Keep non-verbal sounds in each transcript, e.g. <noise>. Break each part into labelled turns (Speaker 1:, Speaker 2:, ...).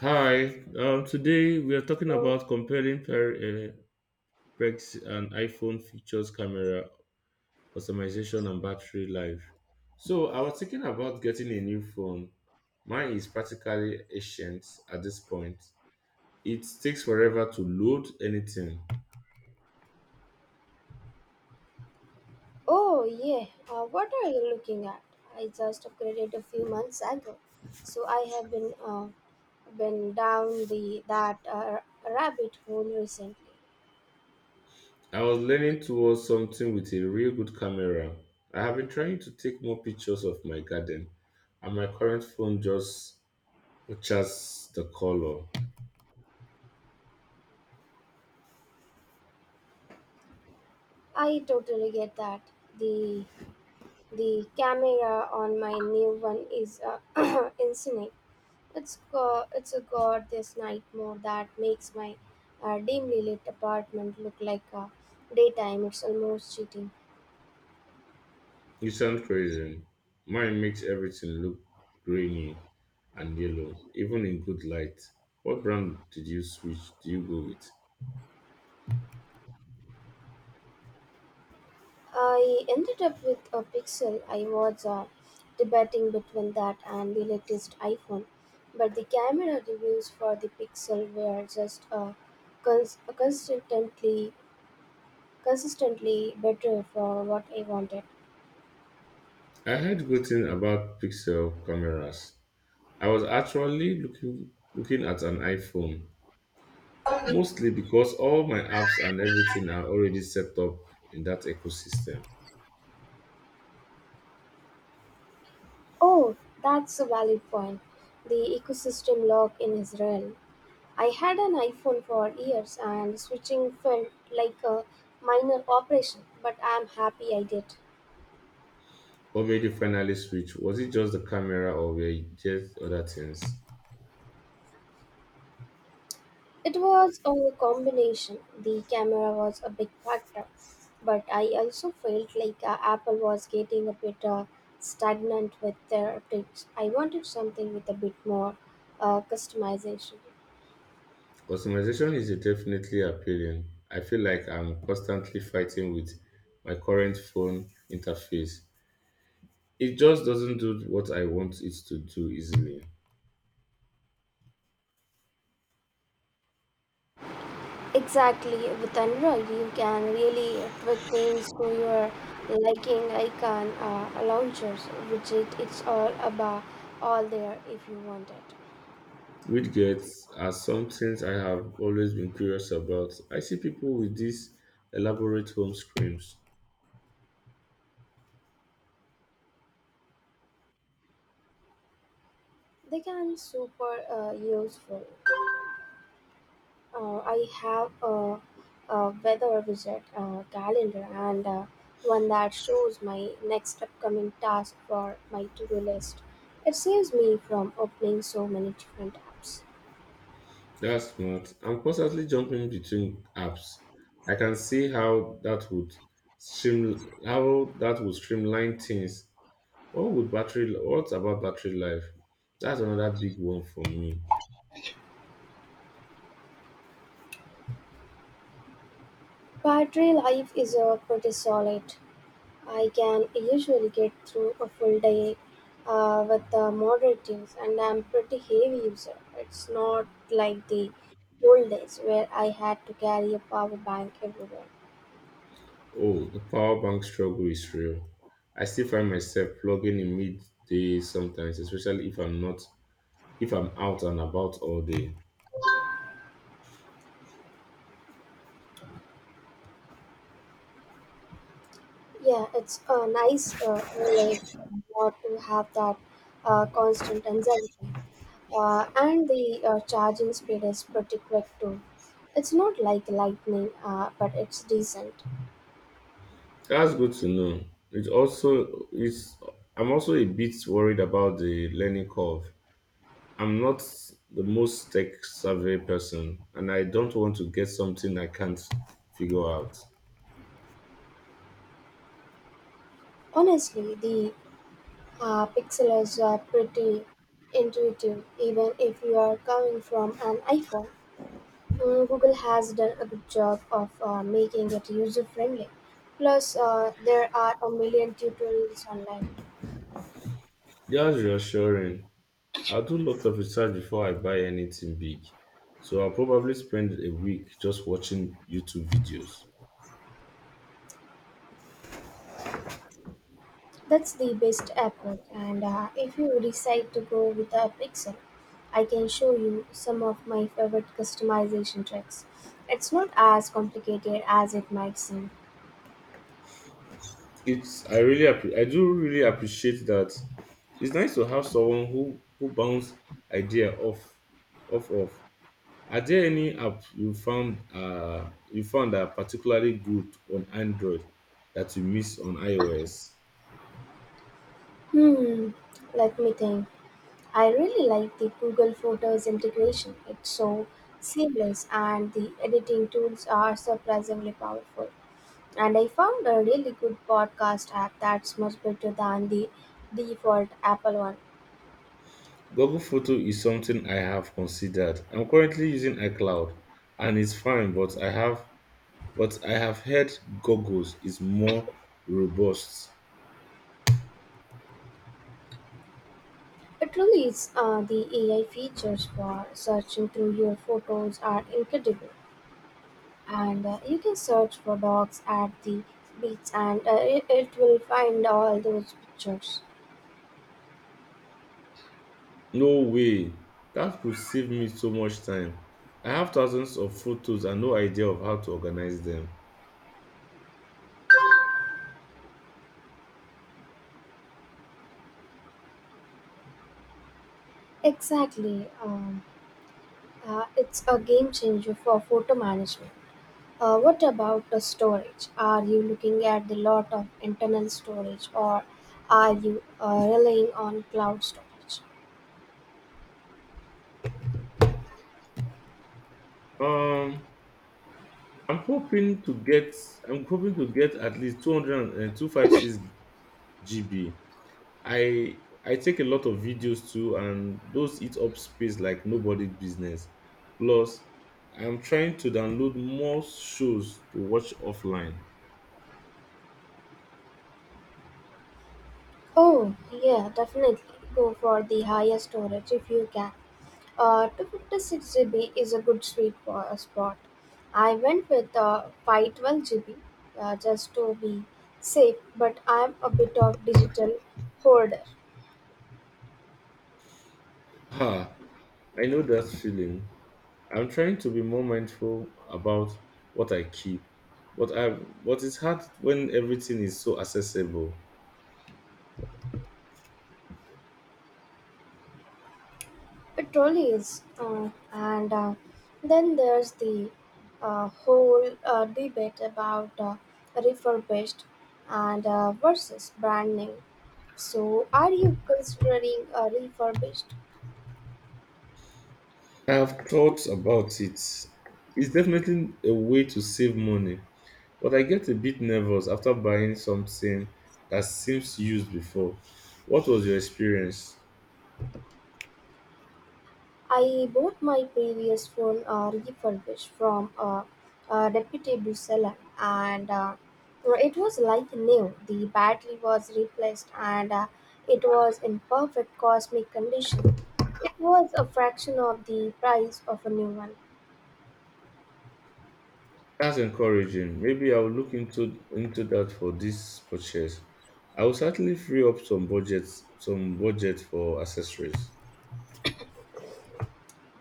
Speaker 1: Hi, today we are talking about comparing Pex and iPhone features, camera customization, and battery life. So, I was thinking about getting a new phone. Mine is practically ancient at this point. It takes forever to load anything.
Speaker 2: Oh, yeah. What are you looking at? I just upgraded a few months ago, so I have been down the that rabbit hole recently.
Speaker 1: I was leaning towards something with a real good camera. I have been trying to take more pictures of my garden, and my current phone just butchers the color.
Speaker 2: I totally get that. The the camera on my new one is <clears throat> insane. It's got this night mode that makes my dimly lit apartment look like daytime. It's almost cheating.
Speaker 1: You sound crazy. Mine makes everything look grainy and yellow, even in good light. What brand did you switch? Do you go with?
Speaker 2: I ended up with a Pixel. I was debating between that and the latest iPhone, but the camera reviews for the Pixel were just cons- consistently consistently better for what I wanted.
Speaker 1: I heard good thing about Pixel cameras. I was actually looking at an iPhone, mostly because all my apps and everything are already set up in that ecosystem.
Speaker 2: Oh, that's a valid point. The ecosystem lock in Israel. I had an iPhone for years and switching felt like a minor operation, but I'm happy I did.
Speaker 1: What made you finally switch? Was it just the camera, or were you just other things?
Speaker 2: It was a combination. The camera was a big factor, but I also felt like Apple was getting a bit stagnant with their updates. I wanted something with a bit more customization.
Speaker 1: Customization is definitely appealing. I feel like I'm constantly fighting with my current phone interface. It just doesn't do what I want it to do easily.
Speaker 2: Exactly, with Android, you can really tweak things to your liking icon launchers, widget, it's all there if you want it.
Speaker 1: Widgets are some things I have always been curious about. I see people with these elaborate home screens.
Speaker 2: They can super useful. I have a weather visit calendar and one that shows my next upcoming task for my to-do list. It saves me from opening so many different apps.
Speaker 1: That's smart. I'm constantly jumping between apps. I can see how that would streamline things. What about battery life? That's another big one for me.
Speaker 2: Battery life is pretty solid. I can usually get through a full day with moderate use, and I'm pretty heavy user. It's not like the old days where I had to carry a power bank everywhere.
Speaker 1: Oh, the power bank struggle is real. I still find myself plugging in midday sometimes, especially if I'm out and about all day.
Speaker 2: Yeah, it's a nice relief, not to have that constant anxiety. And the charging speed is pretty quick too. It's not like lightning, but it's decent.
Speaker 1: That's good to know. It also is I'm also a bit worried about the learning curve. I'm not the most tech savvy person and I don't want to get something I can't figure out.
Speaker 2: Honestly, the pixels are pretty intuitive, even if you are coming from an iPhone. Mm, Google has done a good job of making it user friendly. Plus, there are a million tutorials online.
Speaker 1: That's reassuring. I do lots of research before I buy anything big, so I'll probably spend a week just watching YouTube videos.
Speaker 2: That's the best approach, and if you decide to go with a Pixel, I can show you some of my favorite customization tricks. It's not as complicated as it might seem.
Speaker 1: It's I really appre- I do really appreciate that. It's nice to have someone who bounce idea off. Are there any app you found that are particularly good on Android that you miss on iOS?
Speaker 2: Hmm, let me think. I really like the Google Photos integration. It's so seamless, and the editing tools are surprisingly powerful. And I found a really good podcast app that's much better than the default Apple one.
Speaker 1: Google Photo is something I have considered. I'm currently using iCloud and it's fine, but I have heard goggles is more robust.
Speaker 2: It truly is. The AI features for searching through your photos are incredible, and you can search for dogs at the beach, and it, it will find all those pictures.
Speaker 1: No way. That could save me so much time. I have thousands of photos and no idea of how to organize them.
Speaker 2: Exactly. It's a game changer for photo management. What about the storage? Are you looking at the lot of internal storage, or are you relying on cloud storage?
Speaker 1: Um, I'm hoping to get I'm hoping to get at least 200 and 256 and GB. I I take a lot of videos too and those eat up space like nobody's business. Plus, I'm trying to download more shows to watch offline.
Speaker 2: Oh, yeah, definitely. Go for the highest storage if you can. 256 GB is a good sweet spot. I went with 512 GB, just to be safe, but I'm a bit of digital hoarder.
Speaker 1: Ha. I know that feeling. I'm trying to be more mindful about what I keep, but it's hard when everything is so accessible.
Speaker 2: It really is. And then there's the whole debate about refurbished and versus brand new. So, are you considering refurbished?
Speaker 1: I have thought about it. It's definitely a way to save money, but I get a bit nervous after buying something that seems used before. What was your experience?
Speaker 2: I bought my previous phone refurbished from a reputable seller, and well, it was like new. The battery was replaced, and it was in perfect cosmic condition. It was a fraction of the price of a new one.
Speaker 1: That's encouraging. Maybe I'll look into that for this purchase. I will certainly free up some budget for accessories.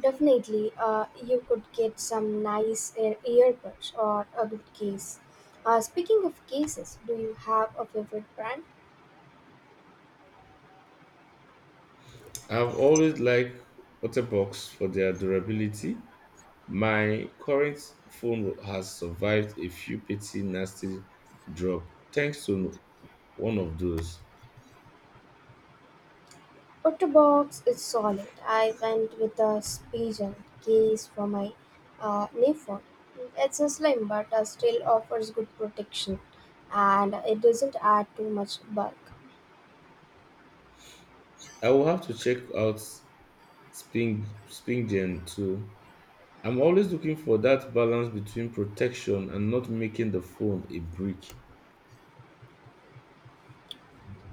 Speaker 2: Definitely, you could get some nice earbuds or a good case. Speaking of cases, do you have a favorite brand?
Speaker 1: I've always liked Otterbox for their durability. My current phone has survived a few petty nasty drop thanks to one of those.
Speaker 2: Otterbox is solid. I went with a Spiegel case for my Nephon. It's a slim but still offers good protection and it doesn't add too much bulk.
Speaker 1: I will have to check out Spring SpringGen too. I'm always looking for that balance between protection and not making the phone a brick.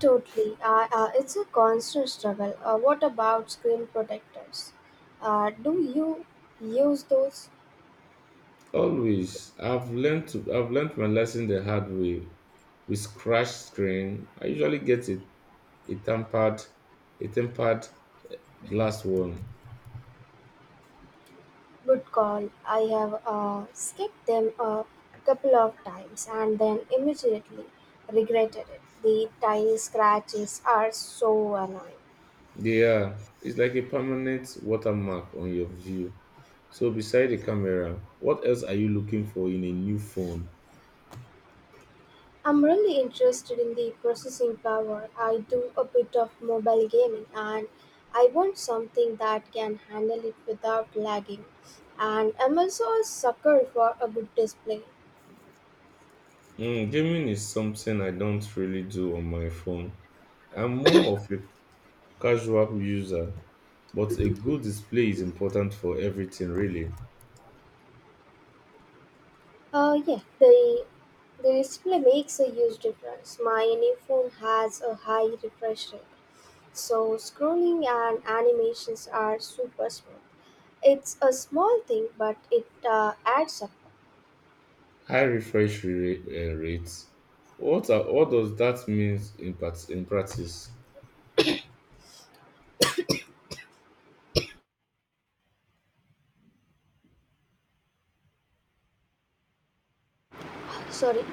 Speaker 2: Totally. It's a constant struggle. What about screen protectors? Do you use those?
Speaker 1: Always, I've learned my lesson the hard way. With scratch screen, I usually get it a tampered a tempered glass one.
Speaker 2: Good call. I have skipped them a couple of times and then immediately regretted it. The tiny scratches are so annoying.
Speaker 1: Yeah, it's like a permanent watermark on your view. So beside the camera, what else are you looking for in a new phone?
Speaker 2: I'm really interested in the processing power. I do a bit of mobile gaming and I want something that can handle it without lagging. And I'm also a sucker for a good display.
Speaker 1: Mm, gaming is something I don't really do on my phone. I'm more of a casual user, but a good display is important for everything really.
Speaker 2: Yeah, the display makes a huge difference. My new phone has a high refresh rate, so scrolling and animations are super smooth. It's a small thing, but it adds up.
Speaker 1: High refresh rate. What does that mean in practice?
Speaker 2: Sorry,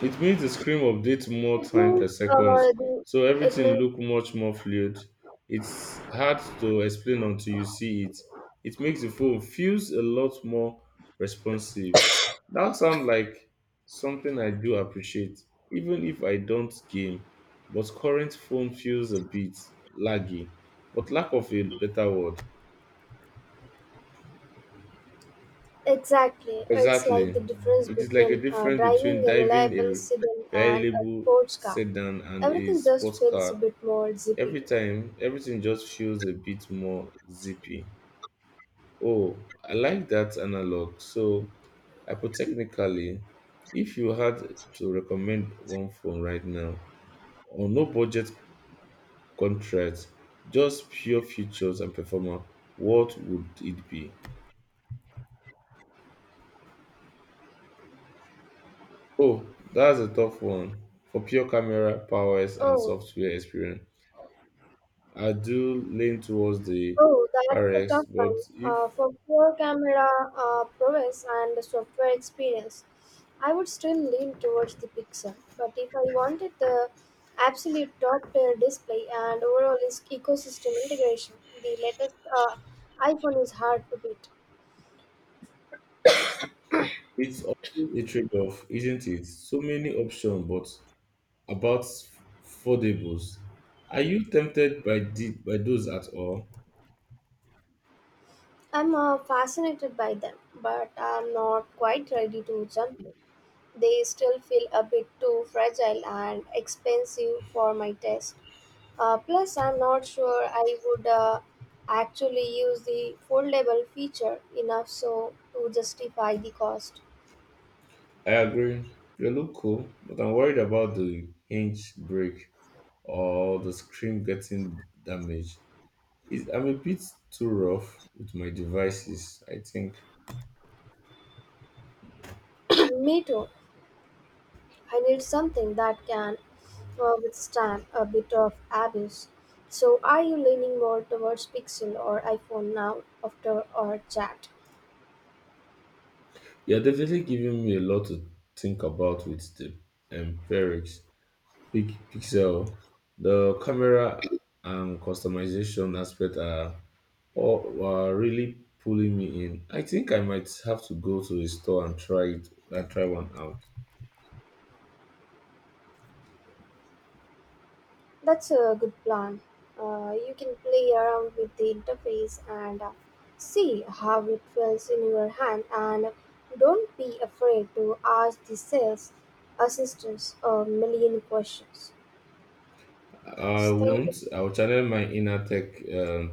Speaker 1: It means the screen updates more
Speaker 2: it
Speaker 1: time per
Speaker 2: means
Speaker 1: seconds,
Speaker 2: uh, the
Speaker 1: so
Speaker 2: it
Speaker 1: everything
Speaker 2: means
Speaker 1: look much more fluid. It's hard to explain until you see it. It makes the phone feels a lot more responsive. That sounds like something I do appreciate, even if I don't game. But current phone feels a bit laggy, but lack of a better word.
Speaker 2: exactly. It's like
Speaker 1: Exactly.
Speaker 2: the difference
Speaker 1: It is like a
Speaker 2: between
Speaker 1: difference
Speaker 2: driving
Speaker 1: between
Speaker 2: a
Speaker 1: driving
Speaker 2: reliable sedan
Speaker 1: a
Speaker 2: and a
Speaker 1: reliable
Speaker 2: sports car.
Speaker 1: sedan and a
Speaker 2: Everything just
Speaker 1: sports
Speaker 2: feels a
Speaker 1: car.
Speaker 2: bit more zippy.
Speaker 1: Every time, everything just feels a bit more zippy. Oh, I like that analog. So, hypothetically, if you had to recommend one phone right now, on no budget contract, just pure features and performance, what would it be? Oh, that's a tough one. For pure camera, powers, and
Speaker 2: Oh,
Speaker 1: software experience, I do lean towards the
Speaker 2: Oh, that's a
Speaker 1: Pyrex,
Speaker 2: tough one.
Speaker 1: but if
Speaker 2: For pure camera prowess and the software experience, I would still lean towards the Pixel. But if I wanted the absolute top-tier display and overall ecosystem integration, the latest iPhone is hard to beat.
Speaker 1: it's always a trade-off, isn't it? So many options, but about affordables. Are you tempted by those at all?
Speaker 2: I'm fascinated by them, but I'm not quite ready to jump. They still feel a bit too fragile and expensive for my taste. Plus, I'm not sure I would actually use the foldable feature enough so to justify the cost.
Speaker 1: I agree. They look cool, but I'm worried about the hinge break or the screen getting damaged. It, I'm a bit too rough with my devices, I think.
Speaker 2: <clears throat> Me too. I need something that can withstand a bit of abuse. So, are you leaning more towards Pixel or iPhone now after our chat?
Speaker 1: You're definitely giving me a lot to think about with the empirics. Pixel, the camera and customization aspect are all are really pulling me in. I think I might have to go to a store and try it and try one out.
Speaker 2: That's a good plan. You can play around with the interface and, see how it feels in your hand, and don't be afraid to ask the sales assistants a million questions.
Speaker 1: I
Speaker 2: Yes, thank you.
Speaker 1: won't. I'll channel my inner tech